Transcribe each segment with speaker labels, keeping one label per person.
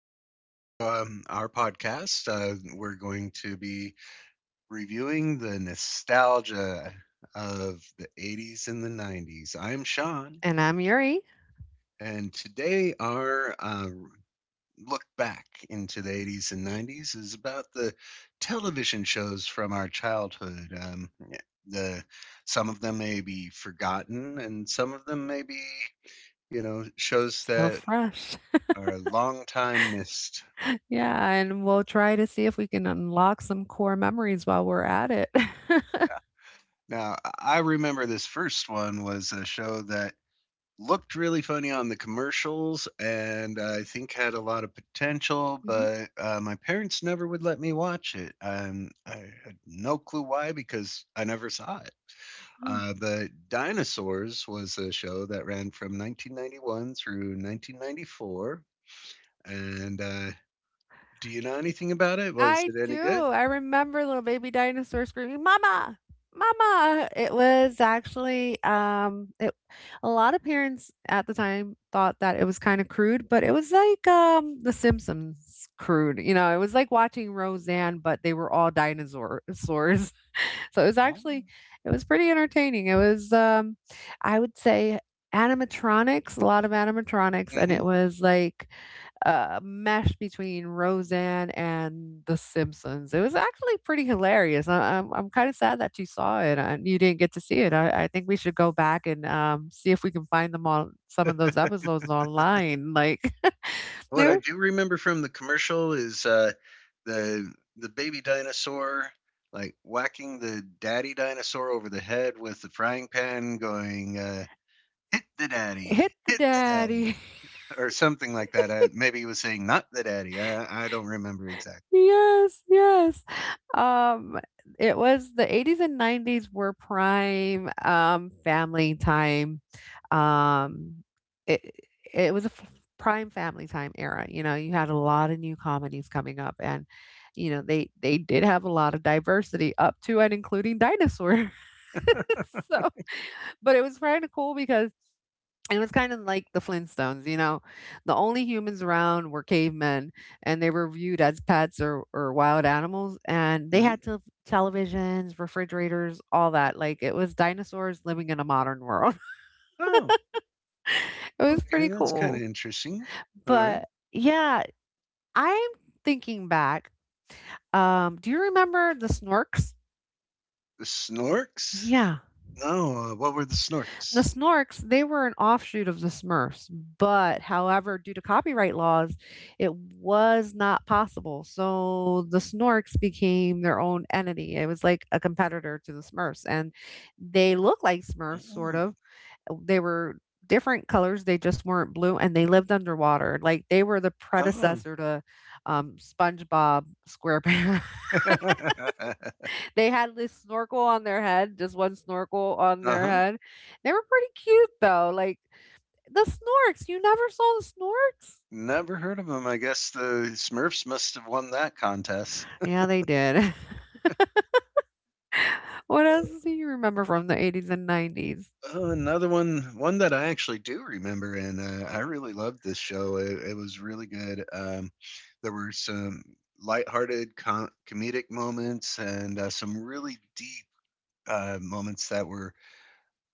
Speaker 1: to our podcast. We're going to be reviewing the nostalgia of the 80s and the 90s. I'm Sean,
Speaker 2: And I'm Yuri.
Speaker 1: and today our look back into the 80s and 90s is about the television shows from our childhood. Yeah, the some of them may be forgotten, and some of them may be shows
Speaker 2: So
Speaker 1: that.
Speaker 2: fresh.
Speaker 1: Or long time missed.
Speaker 2: Yeah, and we'll try to see if we can unlock some core memories while we're at it.
Speaker 1: Yeah. Now, I remember this first one was a show that looked really funny on the commercials and I think had a lot of potential,
Speaker 2: Mhm.
Speaker 1: but my parents never would let me watch it. I had no clue why because I never saw it. But Dinosaurs was a show that ran from 1991 through 1994. And do you know anything about it? Was
Speaker 2: I
Speaker 1: it any
Speaker 2: do.
Speaker 1: good?
Speaker 2: I remember little baby dinosaur screaming, "Mama! Mama!" It was actually it a lot of parents at the time thought that it was kind of crude, but it was like The Simpsons crude. You know, it was like watching Roseanne, but they were all dinosaurs. So it was
Speaker 1: Oh.
Speaker 2: actually it was pretty entertaining. It was I would say animatronics, a lot of animatronics, and it
Speaker 1: Hmm.
Speaker 2: was like a mesh between Roseanne and The Simpsons. It was actually pretty hilarious. I'm kind of sad that you saw it and you didn't get to see it. I think we should go back and see if we can find them on some of those episodes online. Like
Speaker 1: What
Speaker 2: they
Speaker 1: I
Speaker 2: were
Speaker 1: do remember from the commercial is the the baby dinosaur, like whacking the daddy dinosaur over the head with the frying pan, going
Speaker 2: hit the
Speaker 1: hit the daddy,"
Speaker 2: daddy.
Speaker 1: or something like that. Maybe he was saying "not the daddy." I don't remember exactly.
Speaker 2: Yes, yes. Um, it was the 80s and 90s were prime family time. Um, it it was prime family time era. You know, you had a lot of new comedies coming up, and you know, they did have a lot of diversity up to and including dinosaur. So, but it was kind of cool because it was kind of like the Flintstones, you know. The only humans around were cavemen, and they were viewed as pets or wild animals. And they had
Speaker 1: Hmm.
Speaker 2: televisions, refrigerators, all that. Like it was dinosaurs living in a modern world.
Speaker 1: Oh,
Speaker 2: It was
Speaker 1: okay,
Speaker 2: pretty
Speaker 1: that's kind of
Speaker 2: cool.
Speaker 1: interesting. All right,
Speaker 2: But yeah, I'm thinking back. Do you remember the Snorks?
Speaker 1: the snorks.
Speaker 2: Yeah.
Speaker 1: No, what were the
Speaker 2: The
Speaker 1: snorks?
Speaker 2: Snorks, they were an offshoot of the Smurfs, but however, due to copyright laws, it was not possible. So the Snorks became their own entity. It was like a competitor to the Smurfs, and they looked like Smurfs, sort
Speaker 1: Mm.
Speaker 2: of. They were different colors, they just weren't blue, and they lived underwater. Like they were the
Speaker 1: Oh.
Speaker 2: predecessor to SpongeBob SquarePants. They had this snorkel on their head, just one snorkel on
Speaker 1: Uh
Speaker 2: their
Speaker 1: huh.
Speaker 2: head. They were pretty cute though. Like the Snorks. You never saw the Snorks?
Speaker 1: Never heard of them. I guess the Smurfs must have won that contest.
Speaker 2: Yeah, they did. What else do you remember from the 80s and 90s?
Speaker 1: Oh, another one, that I actually do remember, and I really loved this show. It was really good. There were some lighthearted comedic moments, and some really deep moments that were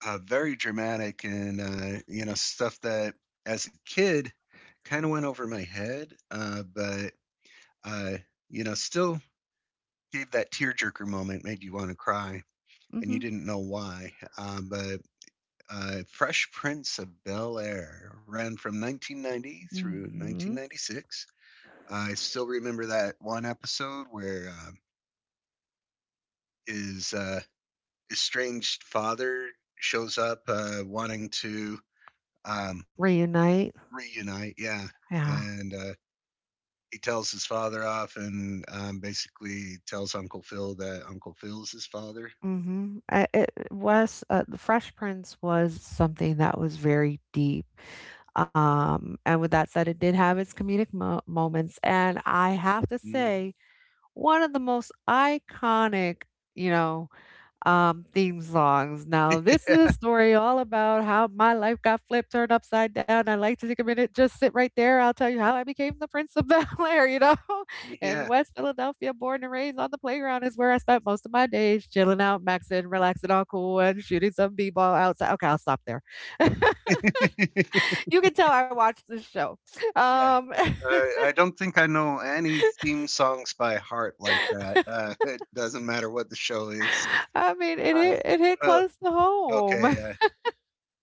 Speaker 1: very dramatic, and stuff that as a kid kind of went over my head, but uh, still gave that tearjerker moment, made you want to cry, and you
Speaker 2: Mhm.
Speaker 1: didn't know why. But Fresh Prince of Bel Air ran from 1990 through
Speaker 2: Hmm.
Speaker 1: 1996. I still remember that one episode where his estranged father shows up wanting to um,
Speaker 2: Reunite.
Speaker 1: reunite. Yeah,
Speaker 2: Yeah.
Speaker 1: and he tells his father off, and basically tells Uncle Phil that Uncle Phil's his father.
Speaker 2: Hmm. It was the Fresh Prince was something that was very deep. And with that said, it did have its comedic moments, and I have to
Speaker 1: Mhm.
Speaker 2: say, one of the most iconic, you know, theme songs. Now, this is a story all about how my life got flipped, turned upside down. I like to take a minute, just sit right there. I'll tell you how I became the Prince of Bel Air, you know, in
Speaker 1: Yeah.
Speaker 2: West Philadelphia, born and raised, on the playground is where I spent most of my days chilling out, maxing, relaxing, all cool, and shooting some b ball outside. Okay, I'll stop there. You can tell I watched this show.
Speaker 1: Yeah.
Speaker 2: Um,
Speaker 1: I don't think I know any theme songs by heart like that. It doesn't matter what the show is.
Speaker 2: I mean, it
Speaker 1: Uh,
Speaker 2: hit, it hit
Speaker 1: well,
Speaker 2: close to
Speaker 1: okay.
Speaker 2: home.
Speaker 1: Uh,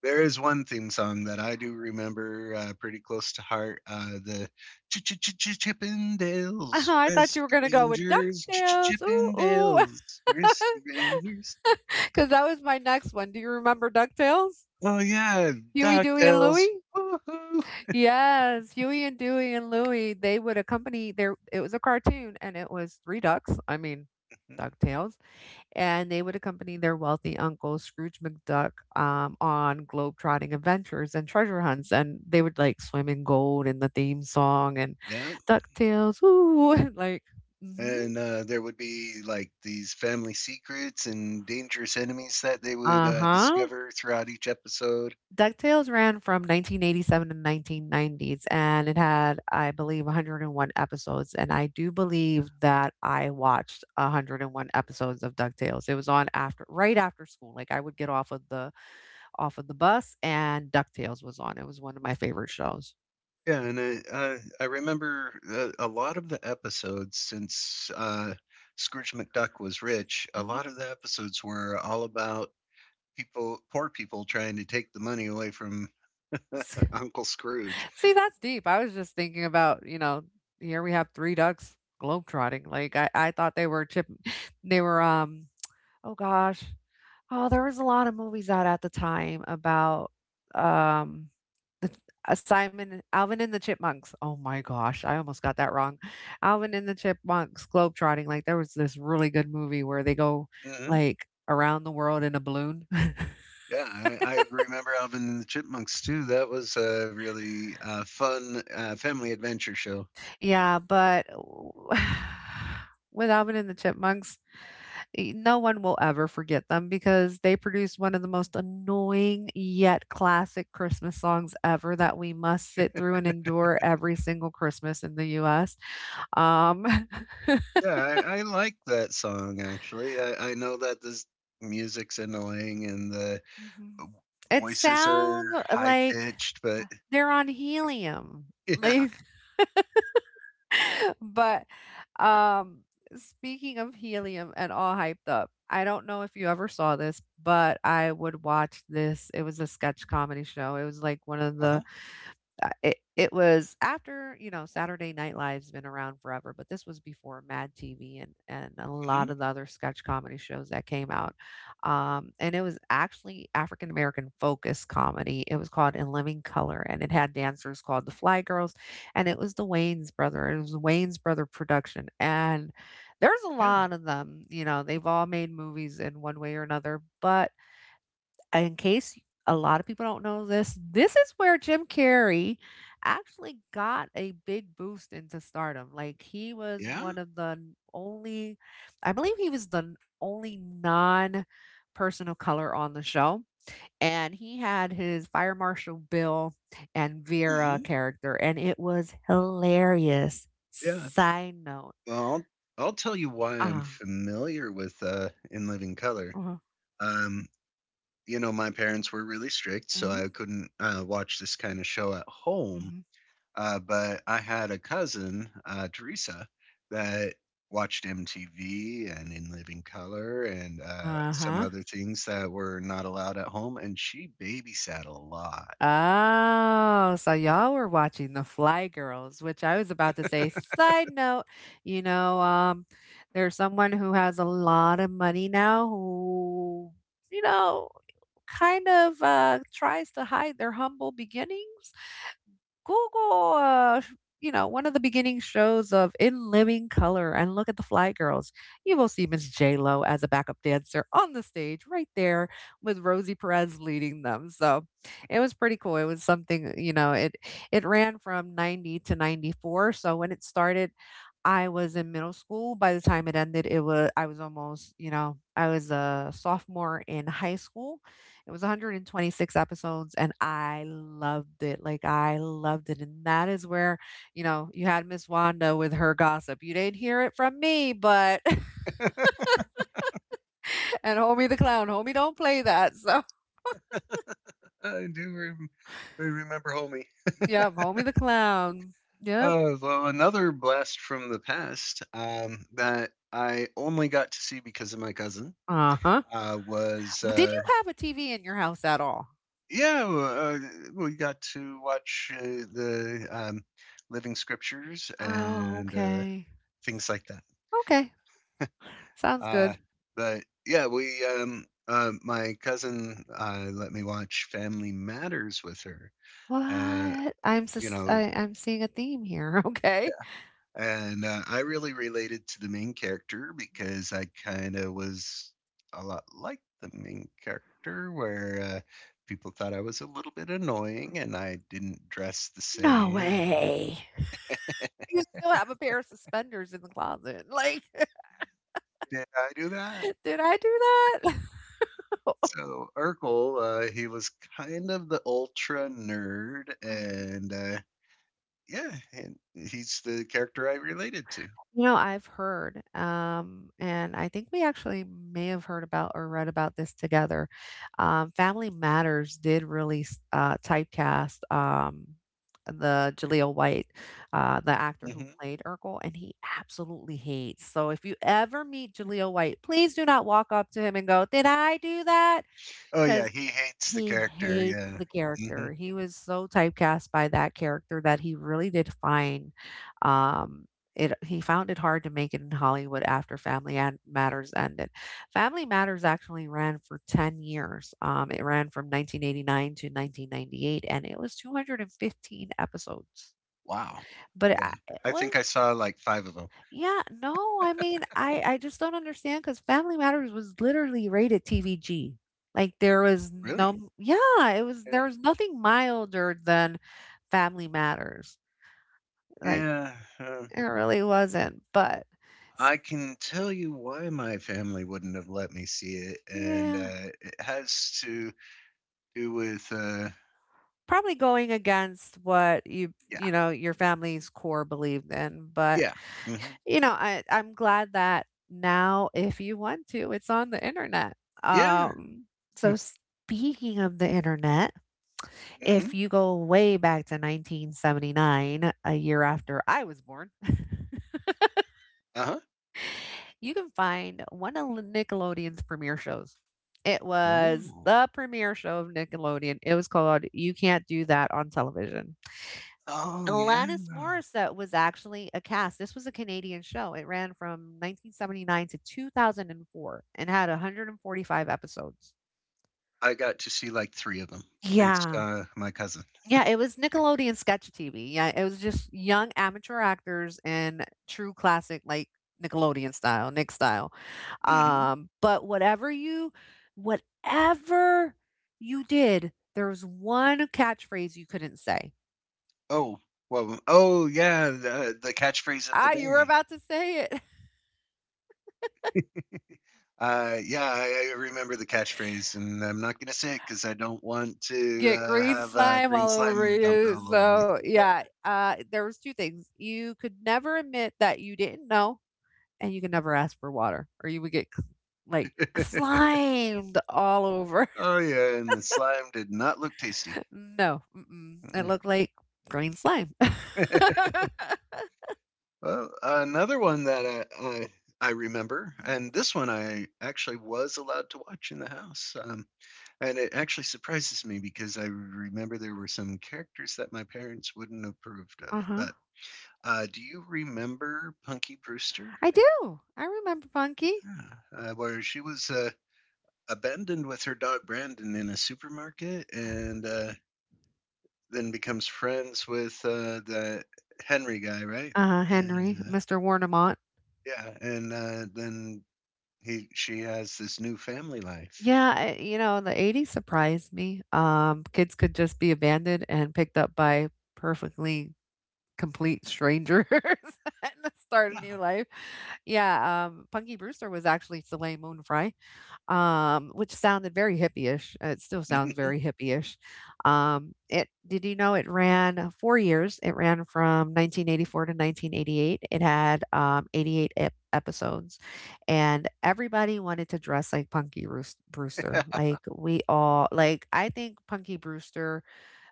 Speaker 1: there is one theme song that I do remember pretty close to heart. The Ch- Ch- Ch- Ch- Chippendales
Speaker 2: I thought you were
Speaker 1: Rescue
Speaker 2: going to go with
Speaker 1: Rangers. Ch- Ch-
Speaker 2: DuckTales. Ooh, ooh.
Speaker 1: Chippendales Rescue Rangers.
Speaker 2: Because that was my next one. Do you remember DuckTales?
Speaker 1: Oh yeah,
Speaker 2: Huey, Dewey, and
Speaker 1: DuckTales.
Speaker 2: Louie?
Speaker 1: Woohoo!
Speaker 2: Yes, Huey and Dewey and Louie. They would accompany their, it was a cartoon and it was three ducks. I mean,
Speaker 1: Hmm.
Speaker 2: DuckTales. And they would accompany their wealthy uncle, Scrooge McDuck, on globe-trotting adventures and treasure hunts. And they would like swim in gold and the theme song and
Speaker 1: Yeah.
Speaker 2: DuckTales. Ooh, like, mhm,
Speaker 1: And, there would be, like, these family secrets and dangerous enemies that they would, mhm,
Speaker 2: uh-huh.
Speaker 1: discover throughout each episode.
Speaker 2: DuckTales ran from 1987 to 1990s, and it had, I believe, 101 episodes. And I do believe that I watched 101 episodes of DuckTales. It was on after, right after school. Like I would get off of the bus, and DuckTales was on. It was one of my favorite shows.
Speaker 1: Yeah, and I remember a lot of the episodes. Since, Scrooge McDuck was rich, a
Speaker 2: Mhm.
Speaker 1: lot of the episodes were all about people poor people trying to take the money away from
Speaker 2: See,
Speaker 1: Uncle Scrooge.
Speaker 2: that's deep. I was just thinking about, you know, here we have three ducks globetrotting. Like I thought they were chip, they were Oh gosh. Oh, there was a lot of movies out at the time about, um, the Simon Alvin and the Chipmunks. Oh my gosh, I almost got that wrong. Alvin and the Chipmunks globetrotting, like, there was this really good movie where they go,
Speaker 1: Mhm.
Speaker 2: like, around the world in a balloon.
Speaker 1: Yeah, I remember Alvin and the Chipmunks too. That was a really, fun, family adventure show.
Speaker 2: Yeah, but with Alvin and the Chipmunks, eh, no one will ever forget them because they produced one of the most annoying yet classic Christmas songs ever that we must sit through and endure every single Christmas in the US. Um,
Speaker 1: Yeah, I like that song actually. I know that this music's annoying and the
Speaker 2: Mhm.
Speaker 1: uh,
Speaker 2: It
Speaker 1: voices
Speaker 2: sounds
Speaker 1: are high
Speaker 2: like
Speaker 1: pitched, but
Speaker 2: they're on helium.
Speaker 1: yeah.
Speaker 2: Like, but um, speaking of helium and all hyped up, I don't know if you ever saw this, but I would watch this. It was a sketch comedy show. It was like one of the
Speaker 1: Uh-huh.
Speaker 2: yeah, it was after, you know, Saturday Night Live's been around forever, but this was before Mad TV and a
Speaker 1: Hmm.
Speaker 2: lot of the other sketch comedy shows that came out. And it was actually African American focused comedy. It was called In Living Color, and it had dancers called the Fly Girls, and it was the Wayne's brother. It was a Wayne's brother production, and there's a
Speaker 1: Yeah.
Speaker 2: lot of them. You know, they've all made movies in one way or another, but in case a lot of people don't know this, this is where Jim Carrey actually got a big boost into stardom. Like he was
Speaker 1: Yeah.
Speaker 2: one of the only, I believe he was the only non person of color on the show. And he had his Fire Marshal Bill and
Speaker 1: Hmm.
Speaker 2: Vera character, and it was hilarious.
Speaker 1: Yeah.
Speaker 2: Side note.
Speaker 1: Well, I'll tell you why I'm
Speaker 2: Ah.
Speaker 1: familiar with In Living Color. Um, you know, my parents were really strict,
Speaker 2: Uh
Speaker 1: so
Speaker 2: huh.
Speaker 1: I couldn't watch this kind of show at home. But I had a cousin, Teresa, that watched MTV and In Living Color and
Speaker 2: Uh
Speaker 1: some
Speaker 2: huh.
Speaker 1: other things that were not allowed at home, and she babysat a lot.
Speaker 2: Oh, so y'all were watching The Fly Girls, which I was about to say, side note, you know, there's someone who has a lot of money now who, you know, kind of tries to hide their humble beginnings. Google, you know, one of the beginning shows of In Living Color and look at the Fly Girls. You will see Miss J Lo as a backup dancer on the stage right there with Rosie Perez leading them. So it was pretty cool. It was something, you know, it ran from 90 to 94. So when it started, I was in middle school. By the time it ended, it was I was almost, you know, I was a sophomore in high school, it was 126 episodes and I loved it. Like I loved it. And that is where, you know, you had Miss Wanda with her gossip. You didn't hear it from me, but and Homie the Clown. Homie don't play that. So
Speaker 1: I do rem- I remember Homie.
Speaker 2: yep, Homie the Clown. Yep.
Speaker 1: Well, another blast from the past, that I only got to see because of my cousin
Speaker 2: Uh-huh.
Speaker 1: was
Speaker 2: Did you have a TV in your house at all?
Speaker 1: Yeah, well, we got to watch the Living Scriptures
Speaker 2: Oh,
Speaker 1: and
Speaker 2: okay.
Speaker 1: things like that.
Speaker 2: Okay. Sounds
Speaker 1: Uh,
Speaker 2: good.
Speaker 1: but yeah, we my cousin let me watch Family Matters with her. Uh,
Speaker 2: What?
Speaker 1: you know,
Speaker 2: I'm seeing a theme here. Okay.
Speaker 1: and I really related to the main character because I kind of was a lot like the main character, where people thought I was a little bit annoying and I didn't dress the
Speaker 2: No
Speaker 1: same.
Speaker 2: way. You still have a pair of suspenders in the closet. Like
Speaker 1: Did I do that?
Speaker 2: did I do that?
Speaker 1: So, Urkel, he was kind of the ultra nerd, and yeah, and he's the character I related to.
Speaker 2: You know, I've heard, and I think we actually may have heard about or read about this together. Family Matters did release typecast the Jaleel White, the actor who
Speaker 1: Hmm.
Speaker 2: played Urkel, and he absolutely hates. So if you ever meet Jaleel White, please do not walk up to him and go, "Did I do that?"
Speaker 1: Oh yeah,
Speaker 2: Because
Speaker 1: he hates the
Speaker 2: he
Speaker 1: character.
Speaker 2: hates
Speaker 1: Yeah.
Speaker 2: the
Speaker 1: Hmm.
Speaker 2: character. He was so typecast by that character that he really did find, um, it he found it hard to make it in Hollywood after Family and Matters ended. Family Matters actually ran for 10 years. It ran from 1989 to 1998, and it was 215 episodes.
Speaker 1: Wow.
Speaker 2: But
Speaker 1: Yeah,
Speaker 2: it
Speaker 1: I think
Speaker 2: was
Speaker 1: I saw like five of them.
Speaker 2: yeah, no, I mean, I just don't understand because Family Matters was literally rated TVG. Like there was
Speaker 1: Really?
Speaker 2: no yeah, it was
Speaker 1: Yeah.
Speaker 2: there was nothing milder than Family Matters. Like
Speaker 1: Yeah.
Speaker 2: it really wasn't, but s-
Speaker 1: I can tell you why my family wouldn't have let me see it, and
Speaker 2: yeah,
Speaker 1: it has to do with
Speaker 2: probably going against what you
Speaker 1: yeah,
Speaker 2: you know, your family's core believed in, but
Speaker 1: yeah, hmm,
Speaker 2: you know, I'm glad that now if you want to, it's on the internet.
Speaker 1: yeah.
Speaker 2: Um, so speaking of the internet,
Speaker 1: Hmm.
Speaker 2: if you go way back to 1979, a year after I was born,
Speaker 1: Uh huh.
Speaker 2: you can find one of Nickelodeon's premiere shows. It was
Speaker 1: Oh.
Speaker 2: the premiere show of Nickelodeon. It was called You Can't Do That on Television.
Speaker 1: Oh, yeah.
Speaker 2: Alanis Morissette was actually a cast. This was a Canadian show. It ran from 1979 to 2004 and had 145 episodes.
Speaker 1: I got to see, like, three of them, thanks to
Speaker 2: Yeah.
Speaker 1: my cousin.
Speaker 2: Yeah, it was Nickelodeon sketch TV. Yeah, it was just young amateur actors in true classic like Nickelodeon style, Nick style.
Speaker 1: Mhm.
Speaker 2: But whatever you did, there was one catchphrase you couldn't say.
Speaker 1: Oh, well, oh, yeah, the catchphrase of the
Speaker 2: Ah, you were
Speaker 1: day.
Speaker 2: about to say it.
Speaker 1: Yeah, I remember the catchphrase, and I'm not gonna say it 'cause I am not going to say it because I do not want to,
Speaker 2: Get green
Speaker 1: have,
Speaker 2: slime
Speaker 1: green
Speaker 2: all over
Speaker 1: slime dumped
Speaker 2: you.
Speaker 1: all over me.
Speaker 2: So
Speaker 1: Yeah.
Speaker 2: yeah, there was two things. You could never admit that you didn't know and you can never ask for water or you would get like slimed all over.
Speaker 1: Oh, yeah, and the slime did not look tasty.
Speaker 2: No, mm-mm. It
Speaker 1: Mm-mm.
Speaker 2: looked like green slime. Uh
Speaker 1: Well, another one that I remember, and this one I actually was allowed to watch in the house, and it actually surprises me because I remember there were some characters that my parents wouldn't have approved of.
Speaker 2: huh.
Speaker 1: But do you remember Punky Brewster?
Speaker 2: I do. I remember Funky.
Speaker 1: Yeah. Where she was abandoned with her dog Brandon in a supermarket and then becomes friends with the Henry guy, right?
Speaker 2: Uh huh. Henry,
Speaker 1: And
Speaker 2: Mr. Warnemont.
Speaker 1: yeah, and then he she has this new family life.
Speaker 2: Yeah, the 80s surprised me. Kids could just be abandoned and picked up by perfectly complete strangers and start a
Speaker 1: Yeah.
Speaker 2: new life. Yeah, Punky Brewster was actually Soleil Moon Frye. Which sounded very hippie-ish. It still sounds very hippie-ish. It did, you know it ran 4 years? It ran from 1984 to 1988. It had, 88 ep episodes, and everybody wanted to dress like Punky Roos Brewster.
Speaker 1: Yeah.
Speaker 2: Like, we all, like, I think Punky Brewster,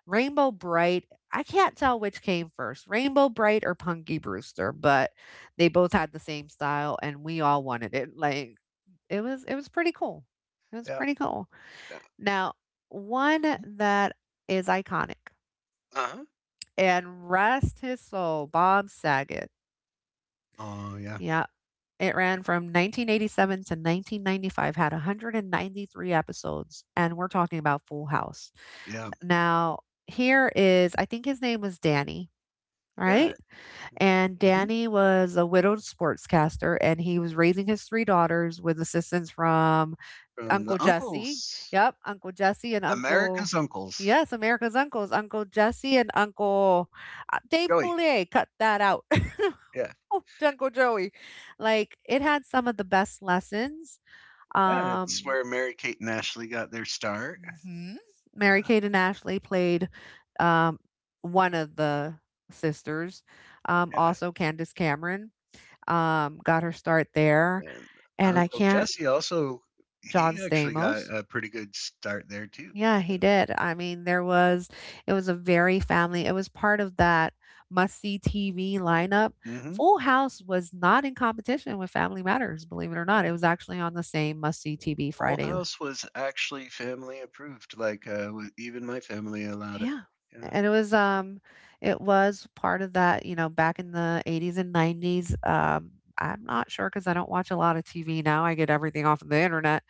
Speaker 2: Rainbow Bright, I can't tell which came first, Rainbow Bright or Punky Brewster, but they both had the same style, and we all wanted it, like it was pretty cool. It was
Speaker 1: Yeah.
Speaker 2: pretty cool.
Speaker 1: Uh
Speaker 2: Now, one that is iconic,
Speaker 1: huh.
Speaker 2: and rest his soul, Bob Saget.
Speaker 1: Oh yeah.
Speaker 2: Yeah. It ran from 1987 to 1995, had 193 episodes, and we're talking about Full House.
Speaker 1: Yeah.
Speaker 2: Now, here is, I think his name was Danny,
Speaker 1: Yeah.
Speaker 2: right? And
Speaker 1: Mm-hmm.
Speaker 2: Danny was a widowed sportscaster, and he was raising his three daughters with assistance from
Speaker 1: From the
Speaker 2: Uncle Jesse.
Speaker 1: Uncles.
Speaker 2: Yep, Uncle Jesse and Uncle.
Speaker 1: America's Uncles,
Speaker 2: Yes, America's Uncles, Uncle Jesse and Uncle, Dave
Speaker 1: Joey.
Speaker 2: Coulier. Cut that out.
Speaker 1: Yeah,
Speaker 2: Oh, Uncle Joey. Like it had some of the best lessons.
Speaker 1: yeah, it's
Speaker 2: Um
Speaker 1: where Mary Kate and Ashley got their start.
Speaker 2: hmm Mary
Speaker 1: Yeah,
Speaker 2: Kate and Ashley played um, one of the sisters.
Speaker 1: yeah.
Speaker 2: Also, Candace Cameron got her start there.
Speaker 1: And
Speaker 2: And I
Speaker 1: Uncle
Speaker 2: can't,
Speaker 1: Jesse also,
Speaker 2: John
Speaker 1: he actually got
Speaker 2: Stamos.
Speaker 1: a pretty good start there too.
Speaker 2: Yeah,
Speaker 1: Yeah.
Speaker 2: he did. I mean, there was, it was a very family, it was part of that must-see TV lineup.
Speaker 1: Mm-hmm.
Speaker 2: Full House was not in competition with Family Matters, believe it or not.
Speaker 1: Yeah.
Speaker 2: It was actually on the same must-see TV
Speaker 1: Whole
Speaker 2: Friday.
Speaker 1: House was actually family approved. Like even my family allowed it.
Speaker 2: Yeah.
Speaker 1: Yeah.
Speaker 2: And it was part of that, back in the 80s and 90s. I'm not sure because I don't watch a lot of TV now. I get everything off of the internet.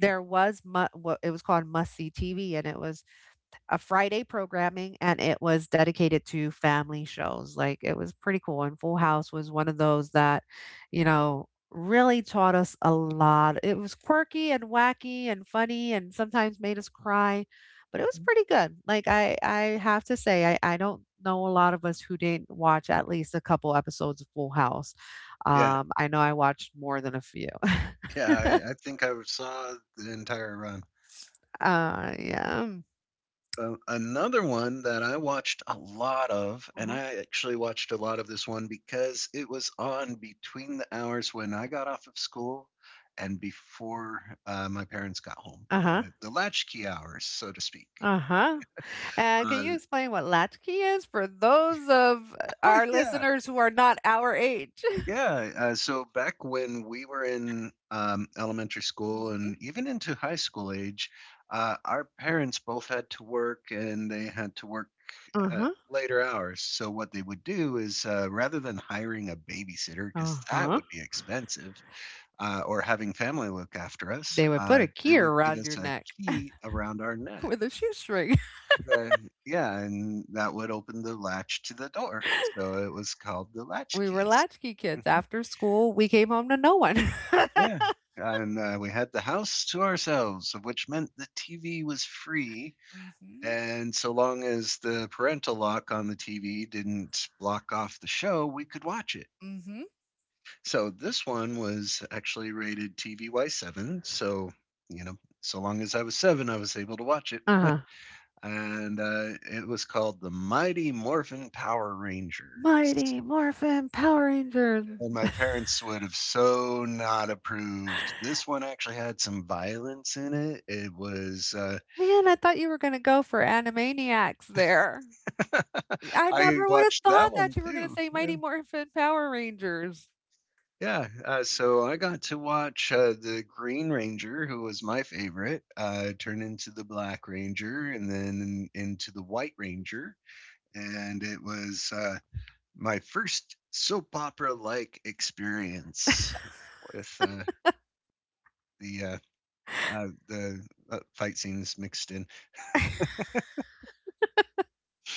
Speaker 2: There was what it was called must see TV, and it was a Friday programming, and it was dedicated to family shows. Like it was pretty cool. And Full House was one of those that, really taught us a lot. It was quirky and wacky and funny and sometimes made us cry, but it was pretty good. Like I have to say, I don't know a lot of us who didn't watch at least a couple episodes of Full House.
Speaker 1: Yeah.
Speaker 2: I know I watched more than a few.
Speaker 1: Yeah, I think I saw the entire run.
Speaker 2: Yeah.
Speaker 1: Another one that I watched a lot of, and
Speaker 2: Uh-huh.
Speaker 1: I actually watched a lot of this one because it was on between the hours when I got off of school and before my parents got home,
Speaker 2: Uh-huh.
Speaker 1: the latchkey hours, so to speak.
Speaker 2: Uh-huh. And can
Speaker 1: Uh,
Speaker 2: you explain what latchkey is for those of
Speaker 1: oh,
Speaker 2: our
Speaker 1: yeah.
Speaker 2: listeners who are not our age?
Speaker 1: Yeah. So back when we were in elementary school
Speaker 2: Mhm.
Speaker 1: and even into high school age, our parents both had to work, and they had to work Uh,
Speaker 2: Uh-huh.
Speaker 1: later hours. So what they would do is, rather than hiring a babysitter, because that
Speaker 2: Uh-huh.
Speaker 1: would be expensive, or having family look after us,
Speaker 2: They would put a
Speaker 1: they
Speaker 2: key
Speaker 1: would give
Speaker 2: around
Speaker 1: us
Speaker 2: your
Speaker 1: a
Speaker 2: neck
Speaker 1: key around our neck.
Speaker 2: with a shoestring.
Speaker 1: Then yeah, and that would open the latch to the door. So it was called the latch
Speaker 2: We were
Speaker 1: keys.
Speaker 2: latchkey kids.
Speaker 1: Mhm.
Speaker 2: After school, we came home to no one.
Speaker 1: Yeah. And, we had the house to ourselves, which meant the TV was free,
Speaker 2: Mhm.
Speaker 1: and so long as the parental lock on the TV didn't block off the show, we could watch it.
Speaker 2: Mhm.
Speaker 1: So this one was actually rated TVY7. So, you know, so long as I was seven, I was able to watch it.
Speaker 2: Uh-huh.
Speaker 1: And it was called The Mighty Morphin Power Rangers.
Speaker 2: Mighty Morphin Power Rangers.
Speaker 1: And my parents would have so not approved. This one actually had some violence in it. It was.
Speaker 2: Man, I thought you were going to go for Animaniacs there. I
Speaker 1: I
Speaker 2: never would have
Speaker 1: watched that
Speaker 2: thought
Speaker 1: one
Speaker 2: that you were going to
Speaker 1: too.
Speaker 2: say
Speaker 1: Yeah.
Speaker 2: Mighty Morphin Power Rangers.
Speaker 1: Yeah, so I got to watch the Green Ranger, who was my favorite, turn into the Black Ranger and then into the White Ranger. And it was my first soap opera like experience with the uh, the fight scenes mixed in.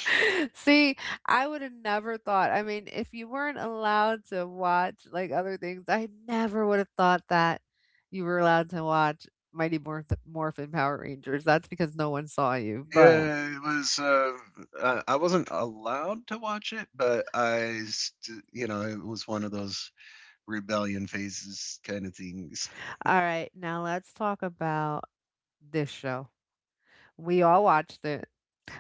Speaker 2: See, I would have never thought. I mean, if you weren't allowed to watch like other things, I never would have thought that you were allowed to watch Mighty Morphin Power Rangers. That's because no one saw you. But
Speaker 1: Yeah, it was. I wasn't allowed to watch it, but I, st- you know, it was one of those rebellion phases kind of things.
Speaker 2: all right, now let's talk about this show. We all watched it.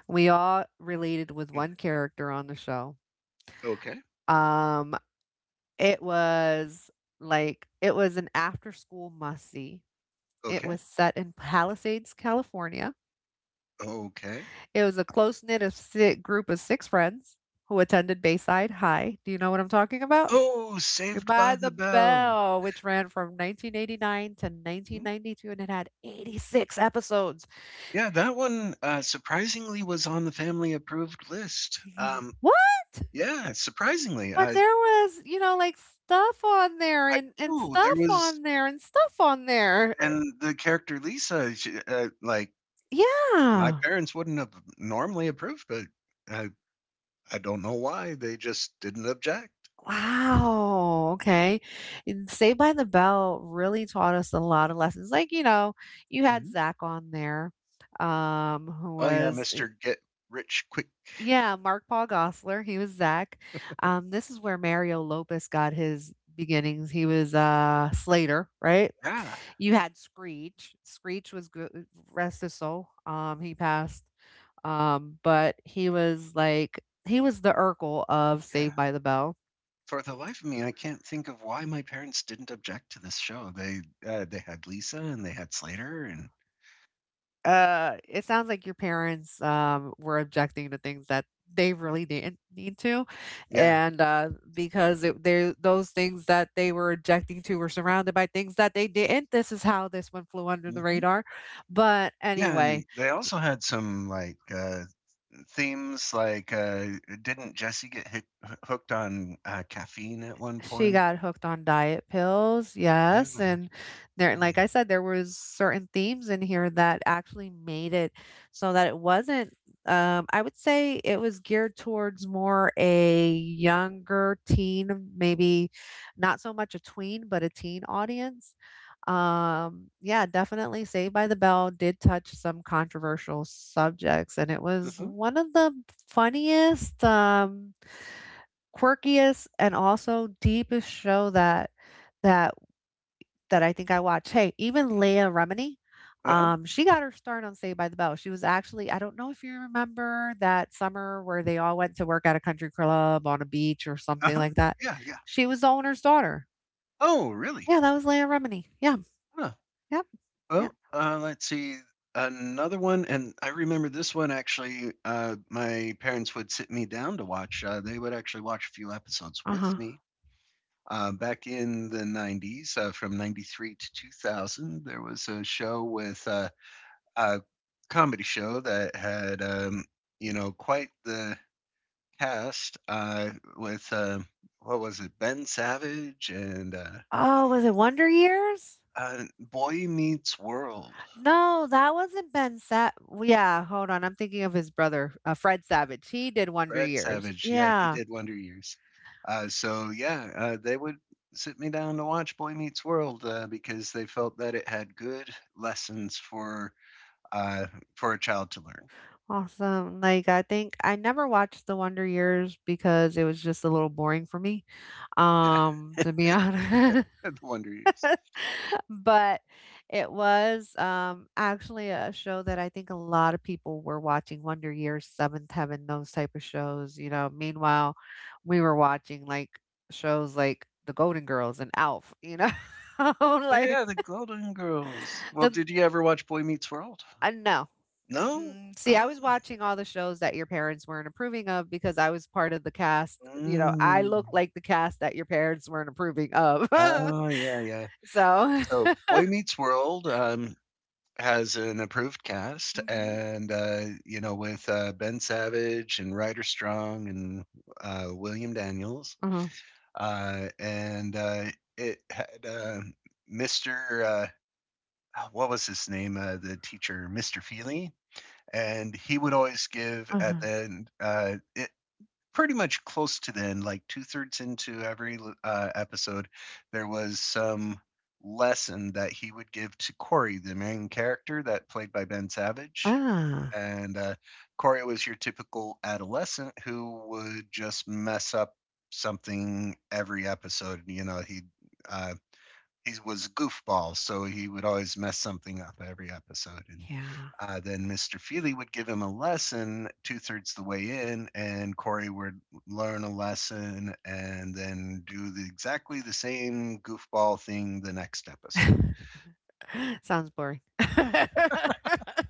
Speaker 2: We all related with one character on the show.
Speaker 1: Okay,
Speaker 2: Um, it was, like, it was an after-school must see. It
Speaker 1: okay,
Speaker 2: was set in Palisades, California.
Speaker 1: okay.
Speaker 2: It was a close knit of si group of six friends who attended Bayside High. Do you know what I'm talking about?
Speaker 1: Oh, Saved
Speaker 2: By
Speaker 1: by the
Speaker 2: the
Speaker 1: Bell.
Speaker 2: Bell, which ran from 1989 to
Speaker 1: Mhm.
Speaker 2: 1992, and it had 86 episodes.
Speaker 1: Yeah, that one, surprisingly, was on the family approved list.
Speaker 2: What?
Speaker 1: Yeah, surprisingly,
Speaker 2: But there was, like, stuff on there
Speaker 1: I
Speaker 2: and
Speaker 1: oh, there
Speaker 2: stuff
Speaker 1: was
Speaker 2: on there and stuff on there. Eh,
Speaker 1: and the character Lisa, like, my
Speaker 2: yeah.
Speaker 1: parents wouldn't have normally approved, but I I don't know why, they just didn't object.
Speaker 2: Wow, okay. And Saved by the Bell really taught us a lot of lessons. Like, you had
Speaker 1: Mhm.
Speaker 2: Zach on there, who
Speaker 1: Oh, yeah,
Speaker 2: was, eh,
Speaker 1: Mr. Get Rich Quick.
Speaker 2: yeah, Mark Paul Gosselaar. He was Zach. This is where Mario Lopez got his beginnings. He was Slater, right?
Speaker 1: Yeah,
Speaker 2: You had Screech. Screech was good, eh, rest his soul. He passed. But he was, like, he was the Urkel of
Speaker 1: yeah.
Speaker 2: Saved by the Bell.
Speaker 1: For the life of me, I can't think of why my parents didn't object to this show. They had Lisa and they had Slater, and
Speaker 2: It sounds like your parents, were objecting to things that they really didn't need to,
Speaker 1: yeah.
Speaker 2: and, because it they those things that they were objecting to were surrounded by things that they didn't. This is how this one flew under the
Speaker 1: Mhm.
Speaker 2: radar, but
Speaker 1: Yeah,
Speaker 2: anyway,
Speaker 1: and they also had some like themes, like didn't Jesse get hooked on caffeine at one
Speaker 2: she
Speaker 1: point?
Speaker 2: got hooked on diet pills,
Speaker 1: Yeah.
Speaker 2: yes, and there,
Speaker 1: Yeah.
Speaker 2: like I said, there was certain themes in here that actually made it so that it wasn't, I would say, it was geared towards more a younger teen, maybe not so much a tween, but a teen audience. Yeah, definitely Saved by the Bell did touch some controversial subjects, and it was
Speaker 1: Uh-huh.
Speaker 2: one of the funniest, quirkiest, and also deepest show that that I think I watched. Hey, even Leah Remini,
Speaker 1: Uh-huh.
Speaker 2: um, she got her start on Saved by the Bell. She was actually, I don't know if you remember, that summer where they all went to work at a country club on a beach or something
Speaker 1: Uh-huh.
Speaker 2: like that.
Speaker 1: Yeah, yeah.
Speaker 2: She was the owner's daughter.
Speaker 1: Oh, really?
Speaker 2: Yeah, that was Leah Remini. Yeah,
Speaker 1: Huh.
Speaker 2: yep, yep.
Speaker 1: Oh, let's see. Another one, and I remember this one actually. My parents would sit me down to watch. They would actually watch a few episodes
Speaker 2: Uh
Speaker 1: with
Speaker 2: huh.
Speaker 1: me. Back in the 90s, from 93 to 2000, there was a comedy show that had, quite the cast, with, what was it, Ben Savage and
Speaker 2: Oh, was it Wonder Years?
Speaker 1: Boy Meets World.
Speaker 2: No, that wasn't Ben Sa-. Yeah, hold on. I'm thinking of his brother, Fred Savage. He did Wonder
Speaker 1: Fred
Speaker 2: Years.
Speaker 1: Savage, yeah, he
Speaker 2: Yeah.
Speaker 1: did Wonder Years. So yeah, they would sit me down to watch Boy Meets World because they felt that it had good lessons uh, for a child to learn.
Speaker 2: Awesome. Like, I think I never watched The Wonder Years because it was just a little boring for me,
Speaker 1: Yeah,
Speaker 2: to be honest.
Speaker 1: the Wonder Years.
Speaker 2: But it was actually a show that I think a lot of people were watching. Wonder Years, Seventh Heaven, those type of shows. You know, meanwhile, we were watching, like, shows like The Golden Girls and Alf,
Speaker 1: Oh,
Speaker 2: like
Speaker 1: yeah, the Golden Girls. Well,
Speaker 2: the.
Speaker 1: did you ever watch Boy Meets World?
Speaker 2: No.
Speaker 1: No.
Speaker 2: Mm-mm. See, I
Speaker 1: Oh.
Speaker 2: was watching all the shows that your parents weren't approving of, because I was part of the cast. I
Speaker 1: Mm.
Speaker 2: looked like the cast that your parents weren't approving of.
Speaker 1: Oh yeah, yeah.
Speaker 2: So.
Speaker 1: So Boy Meets World. Has an approved cast,
Speaker 2: Mhm.
Speaker 1: and with Ben Savage and Ryder Strong and William Daniels,
Speaker 2: Uh-huh.
Speaker 1: and it had Mr. Uh, what was his name? The teacher, Mr. Feely, and he would always give at
Speaker 2: Uh-huh.
Speaker 1: the end. Pretty much close to the end, like two thirds into every episode, there was some lesson that he would give to Corey, the main character that played by Ben Savage.
Speaker 2: Ah,
Speaker 1: And Corey was your typical adolescent who would just mess up something every episode. You know, uh, he was goofball, so he would always mess something up every episode. And
Speaker 2: yeah.
Speaker 1: uh, then Mr. Feely would give him a lesson two-thirds the way in, and Corey would learn a lesson and then do the, exactly the same goofball thing the next episode.
Speaker 2: Sounds boring.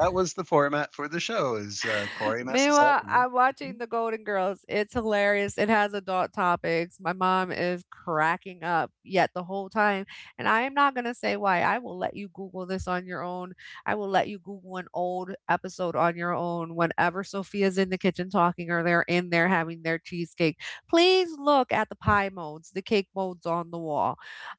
Speaker 1: That was the format for the show: is Corey messes up.
Speaker 2: Meanwhile,
Speaker 1: Me,
Speaker 2: I'm watching
Speaker 1: mhm.
Speaker 2: The Golden Girls. It's hilarious. It has adult topics. My mom is cracking up yet the whole time. And I am not going to say why. I will let you Google this on your own. I will let you Google an old episode on your own whenever Sophia's in the kitchen talking or they're in there having their cheesecake. Please look at the pie molds, the cake molds on the wall.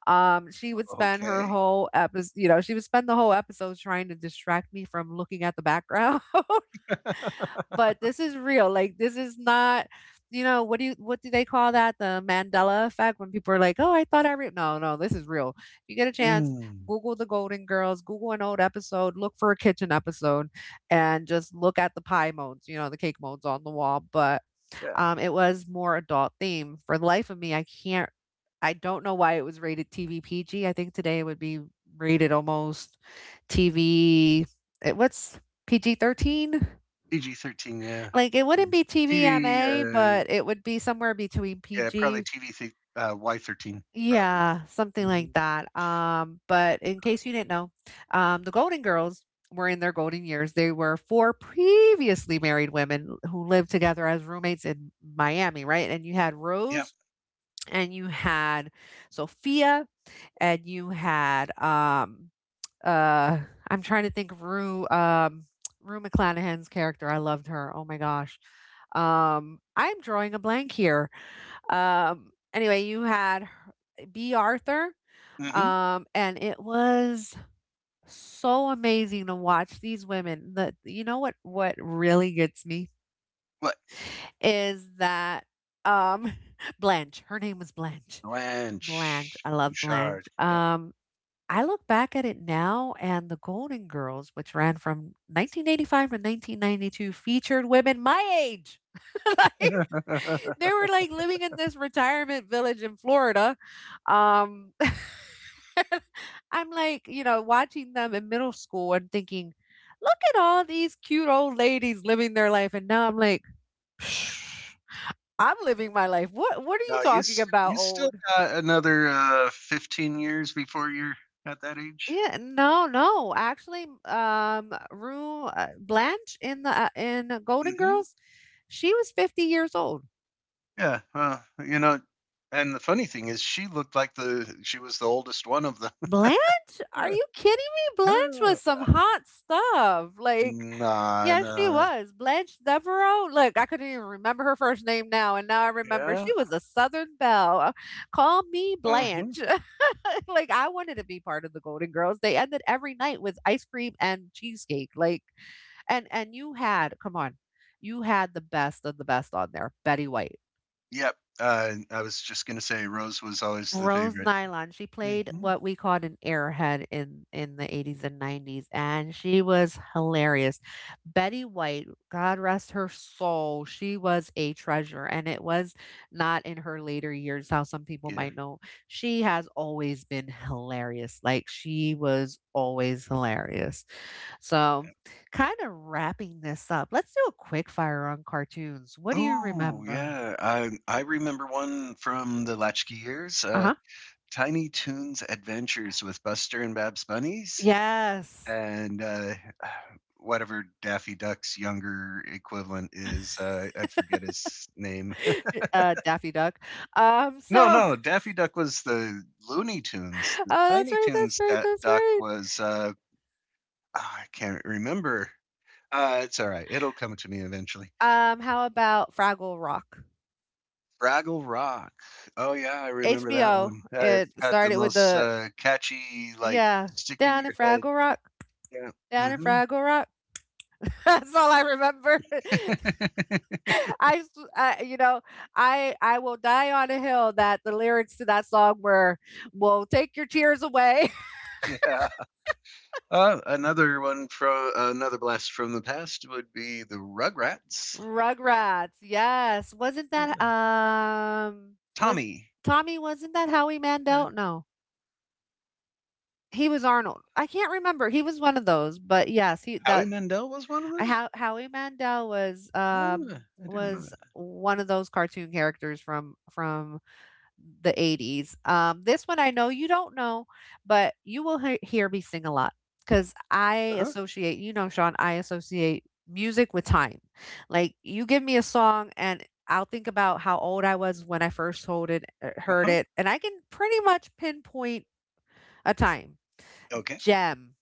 Speaker 2: She would spend her
Speaker 1: Okay.
Speaker 2: whole episode, she would spend the whole episode trying to distract me from looking at the background. But this is real. Like, this is not, what do they call that? The Mandela effect, when people are like, "Oh, I thought I re-" no, no, this is real." If you get a chance,
Speaker 1: Mm,
Speaker 2: Google The Golden Girls, Google an old episode, look for a kitchen episode, and just look at the pie modes, the cake modes on the wall. But
Speaker 1: yeah.
Speaker 2: it was more adult theme. For the life of me, I can't. I don't know why it was rated TV PG. I think today it would be rated almost TV. It, what's PG-13?
Speaker 1: PG 13. Yeah.
Speaker 2: Like, it wouldn't be
Speaker 1: TV.
Speaker 2: TVMA, but it would be somewhere between
Speaker 1: Yeah. Probably
Speaker 2: PG.
Speaker 1: TV. Y 13. Probably.
Speaker 2: Yeah, something
Speaker 1: Mm-hmm.
Speaker 2: like that, but in case you didn't know, the Golden Girls were in their golden years. They were four previously married women who lived together as roommates in Miami, right, and you had
Speaker 1: Yep,
Speaker 2: Rose, and you had Sophia, and you haduh, I'm trying to think of Rue, Rue McClanahan's character. I loved her. Oh my gosh. I'm drawing a blank here. Anyway, you had B. Arthur,
Speaker 1: mhm.
Speaker 2: um, and it was so amazing to watch these women. The You know what really gets me
Speaker 1: What?
Speaker 2: is that, um Blanche. Her name was Blanche. Blanche.
Speaker 1: Blanche
Speaker 2: I love
Speaker 1: Bouchard,
Speaker 2: Blanche.
Speaker 1: yep.
Speaker 2: I look back at it now, and The Golden Girls, which ran from 1985 to 1992, featured women my age. Like, they were like living in this retirement village in Florida. Um, I'm like, watching them in middle school and thinking, look at all these cute old ladies living their life. And now I'm like, I'm living my life. What are you
Speaker 1: No, you
Speaker 2: talking
Speaker 1: s
Speaker 2: about,
Speaker 1: you still
Speaker 2: old?
Speaker 1: got another, 15 years before you're at that age.
Speaker 2: Yeah, no, no. Actually, Rue, Blanche in the, in Golden
Speaker 1: Mhm.
Speaker 2: Girls, she was 50 years old.
Speaker 1: Yeah, well, you know, and the funny thing is she was the oldest one of them.
Speaker 2: Blanche? Are you kidding me? Blanche
Speaker 1: No.
Speaker 2: was some hot stuff. Like,
Speaker 1: Nah,
Speaker 2: yeah, she
Speaker 1: nah.
Speaker 2: was. Blanche Devereaux. Look, I couldn't even remember her first name now, and now I remember
Speaker 1: Yeah,
Speaker 2: she was a Southern belle. Call me
Speaker 1: mhm.
Speaker 2: Blanche. Like, I wanted to be part of the Golden Girls. They ended every night with ice cream and cheesecake. Like, and you had come on, you had the best of the best on there. Betty White,
Speaker 1: Yep, I was just gonna say Rose was always the
Speaker 2: Rose
Speaker 1: favorite.
Speaker 2: Nylund. She played
Speaker 1: Mhm,
Speaker 2: what we called an airhead in the 80s and 90s, and she was hilarious. Betty White, God rest her soul, she was a treasure, and it was not in her later years how some people
Speaker 1: yeah.
Speaker 2: might know. She has always been hilarious. Like, she was always hilarious. So, kind of wrapping this up, let's do a quick fire on cartoons. What do you
Speaker 1: Oh
Speaker 2: remember?
Speaker 1: yeah. I remember one from the Latchkey years,
Speaker 2: Uh-huh.
Speaker 1: Tiny Toons Adventures with Buster and Babs Bunnies,
Speaker 2: Yes,
Speaker 1: and whatever Daffy Duck's younger equivalent is. I forget his name.
Speaker 2: Daffy Duck. Um,
Speaker 1: No,
Speaker 2: so,
Speaker 1: no, Daffy Duck was the Looney Tunes. The
Speaker 2: oh, that's
Speaker 1: Tiny
Speaker 2: right, that's
Speaker 1: Toons
Speaker 2: right, that's
Speaker 1: Duck
Speaker 2: right.
Speaker 1: was I can't remember. It's all right. It'll come to me eventually.
Speaker 2: How about Fraggle Rock?
Speaker 1: Fraggle Rock. Oh, yeah, I remember that
Speaker 2: HBO.
Speaker 1: one. It's
Speaker 2: It
Speaker 1: got the
Speaker 2: started with
Speaker 1: most,
Speaker 2: the,
Speaker 1: catchy,
Speaker 2: yeah,
Speaker 1: stick in
Speaker 2: down in
Speaker 1: your head.
Speaker 2: Fraggle Rock,
Speaker 1: Yeah.
Speaker 2: down in
Speaker 1: Mhm.
Speaker 2: Fraggle Rock. That's all I remember. I, s- I- you know, I will die on a hill that the lyrics to that song were "Will take your tears away."
Speaker 1: Yeah. Another one from another blast from the past would be the Rugrats.
Speaker 2: Rugrats, yes, wasn't
Speaker 1: Yeah.
Speaker 2: that was
Speaker 1: Tommy.
Speaker 2: Tommy? Wasn't that Howie
Speaker 1: Yeah.
Speaker 2: Mandel? No, he was Arnold. I can't remember. He was one of those, but yes, he
Speaker 1: Howie
Speaker 2: that
Speaker 1: Mandel was one of them?
Speaker 2: Howie Mandel
Speaker 1: Oh, I didn't know
Speaker 2: was
Speaker 1: that.
Speaker 2: one of those cartoon characters from the 80s. This one I know you don't know, but you will hear me sing a lot because I
Speaker 1: Uh-huh.
Speaker 2: associate, you know, Sean, I associate music with time. Like, you give me a song and I'll think about how old I was when I first heard it, uh, heard
Speaker 1: Uh-huh.
Speaker 2: it, and I can pretty much pinpoint a time.
Speaker 1: Okay.
Speaker 2: Gem.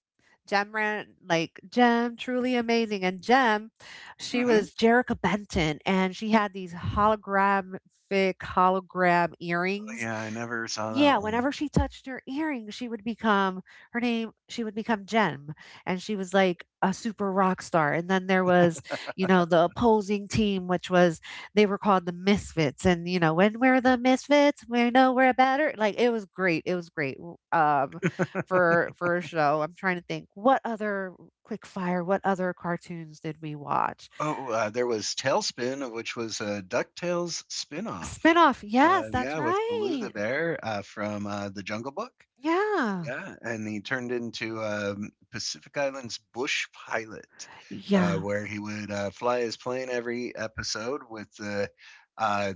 Speaker 2: Gem ran like Gem, truly amazing. And Gem, she
Speaker 1: Mhm.
Speaker 2: was Jerica Benton, and she had these holographic hologram
Speaker 1: Oh,
Speaker 2: earrings.
Speaker 1: yeah, I never saw that
Speaker 2: Yeah,
Speaker 1: one.
Speaker 2: whenever she touched her earring, she would become her name she would become Gem, and she was like a super rock star. And then there was, you know, the opposing team, which was, they were called the Misfits. And you know, when we're the Misfits, we know we're better. Like, it was great. It was great. For a show. I'm trying to think what other, quick fire, what other cartoons did we watch?
Speaker 1: Oh, there was Tailspin, which was a DuckTales spin-off.
Speaker 2: Spinoff. Yes, that's
Speaker 1: Yeah, with Baloo the
Speaker 2: right.
Speaker 1: bear from The Jungle Book.
Speaker 2: Yeah.
Speaker 1: Yeah, and he turned into Pacific Islands bush pilot,
Speaker 2: Yeah.
Speaker 1: where he would fly his plane every episode with the uh,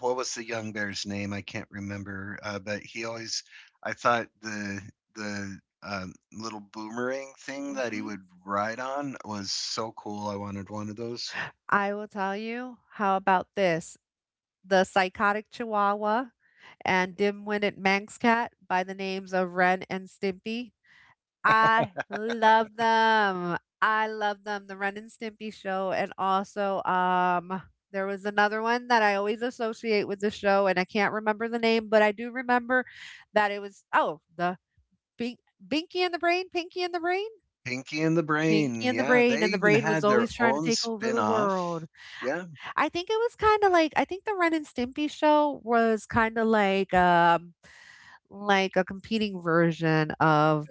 Speaker 1: what was the young bear's name? I can't remember, but he always I thought the little boomerang thing that he
Speaker 2: Mhm.
Speaker 1: would ride on was so cool. I wanted one of those.
Speaker 2: I will tell you, how about this? The psychotic chihuahua and dim-witted Manx cat by the names of Ren and Stimpy. I love them. I love them. The Ren and Stimpy show, and also there was another one that I always associate with the show and I can't remember the name, but I do remember that it was, oh, the Bink Binky and the Brain, Pinky and the Brain?
Speaker 1: Pinky and the
Speaker 2: Pinky
Speaker 1: Brain.
Speaker 2: and the
Speaker 1: Yeah,
Speaker 2: Brain,
Speaker 1: they
Speaker 2: and the
Speaker 1: even
Speaker 2: Brain was
Speaker 1: had their
Speaker 2: always trying to
Speaker 1: own
Speaker 2: take over the
Speaker 1: spin-off.
Speaker 2: world.
Speaker 1: Yeah,
Speaker 2: I think it was kinda like, I think the Ren and Stimpy show was kinda like a competing version of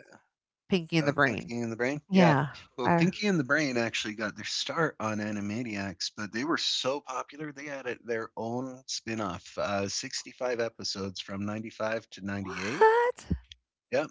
Speaker 2: Pinky and the
Speaker 1: of
Speaker 2: Brain.
Speaker 1: Pinky and the Brain. Yeah.
Speaker 2: Yeah.
Speaker 1: Well,
Speaker 2: I
Speaker 1: Pinky and the Brain actually got their start on Animaniacs, but they were so popular their own spin-off, 65 episodes from 95 to 98.
Speaker 2: What?
Speaker 1: Yep.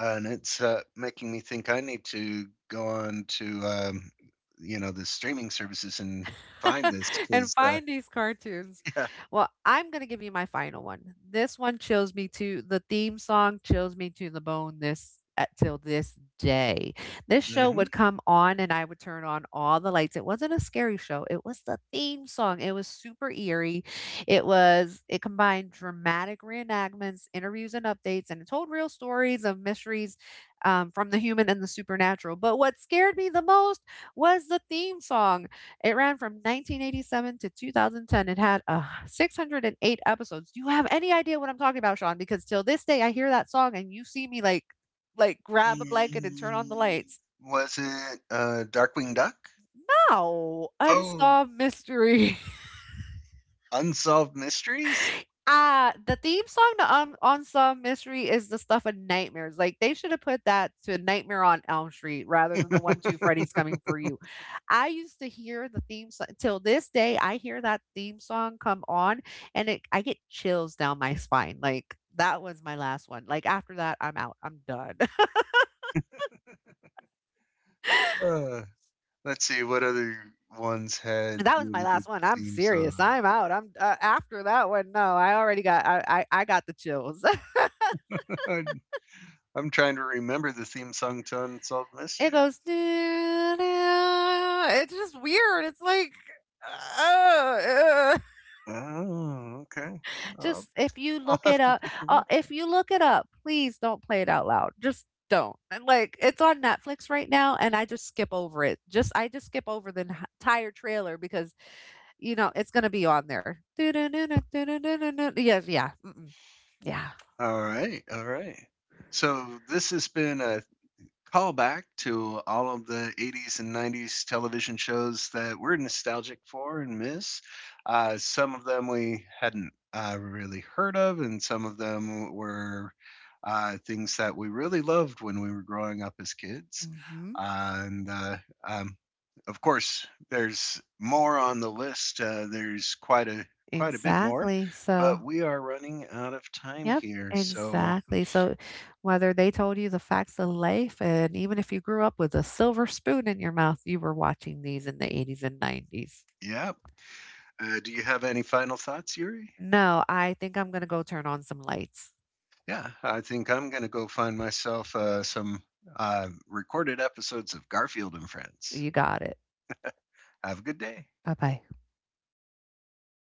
Speaker 1: And it's making me think I need to go on to you know, the streaming services and find this
Speaker 2: And
Speaker 1: because
Speaker 2: find these cartoons.
Speaker 1: yeah.
Speaker 2: Well, I'm going to give you my final one. This one chills me to the theme song, chills me to the bone this at till this day. This show
Speaker 1: Hmm.
Speaker 2: would come on and I would turn on all the lights. It wasn't a scary show. It was the theme song. It was super eerie. It was, it combined dramatic reenactments, interviews and updates, and it told real stories of mysteries, from the human and the supernatural. But what scared me the most was the theme song. It ran from 1987 to 2010. It had 608 episodes. Do you have any idea what I'm talking about, Sean? Because till this day, I hear that song and you see me like grab a blanket and turn on the
Speaker 1: Mm,
Speaker 2: lights.
Speaker 1: was it Darkwing Duck?
Speaker 2: Wow,
Speaker 1: Oh,
Speaker 2: unsolved mystery.
Speaker 1: Unsolved Mysteries.
Speaker 2: Ah, the theme song to Unsolved Mystery is the stuff of nightmares. Like, they should have put that to Nightmare on Elm Street rather than the one two Freddy's coming for you. I used to hear the theme song till this day. I hear that theme song come on, and it, I get chills down my spine. Like, that was my last one. Like, after that, I'm out. I'm done.
Speaker 1: Uh, let's see what other ones had
Speaker 2: That was my
Speaker 1: really good
Speaker 2: last one. I'm
Speaker 1: theme song.
Speaker 2: serious. I'm out. I'm after that one. No, I already got. I got the chills.
Speaker 1: I'm I'm trying to remember the theme song to Unsolved
Speaker 2: It
Speaker 1: Mysteries.
Speaker 2: goes, it's just weird. It's like, uh, uh.
Speaker 1: Oh, okay. I'll,
Speaker 2: Just if you
Speaker 1: I'll
Speaker 2: look
Speaker 1: have
Speaker 2: it
Speaker 1: to
Speaker 2: up,
Speaker 1: take your word for
Speaker 2: if you look it up, please don't play it out loud. Just don't. And like, it's on Netflix right now, and I just skip over it. Just I just skip over the entire trailer because you know it's gonna be on there. Yes, yeah, mm-mm, yeah.
Speaker 1: it. All right, all right. So this has been a Call back to all of the 80s and 90s television shows that we're nostalgic for and miss. Some of them we hadn't really heard of, and some of them were things that we really loved when we were growing up as kids.
Speaker 2: Mhm.
Speaker 1: And um, of course, there's more on the list. There's quite a bit more,
Speaker 2: Exactly.
Speaker 1: but
Speaker 2: So,
Speaker 1: we are running out of time
Speaker 2: yep,
Speaker 1: here. So,
Speaker 2: exactly. So, whether they told you the facts of life, and even if you grew up with a silver spoon in your mouth, you were watching these in the 80s and 90s.
Speaker 1: yeah. Do you have any final thoughts, Yuri?
Speaker 2: No, I think I'm going to go turn on some lights.
Speaker 1: Yeah, I think I'm going to go find myself some recorded episodes of Garfield and Friends.
Speaker 2: You got it.
Speaker 1: Have a good day.
Speaker 2: Bye bye.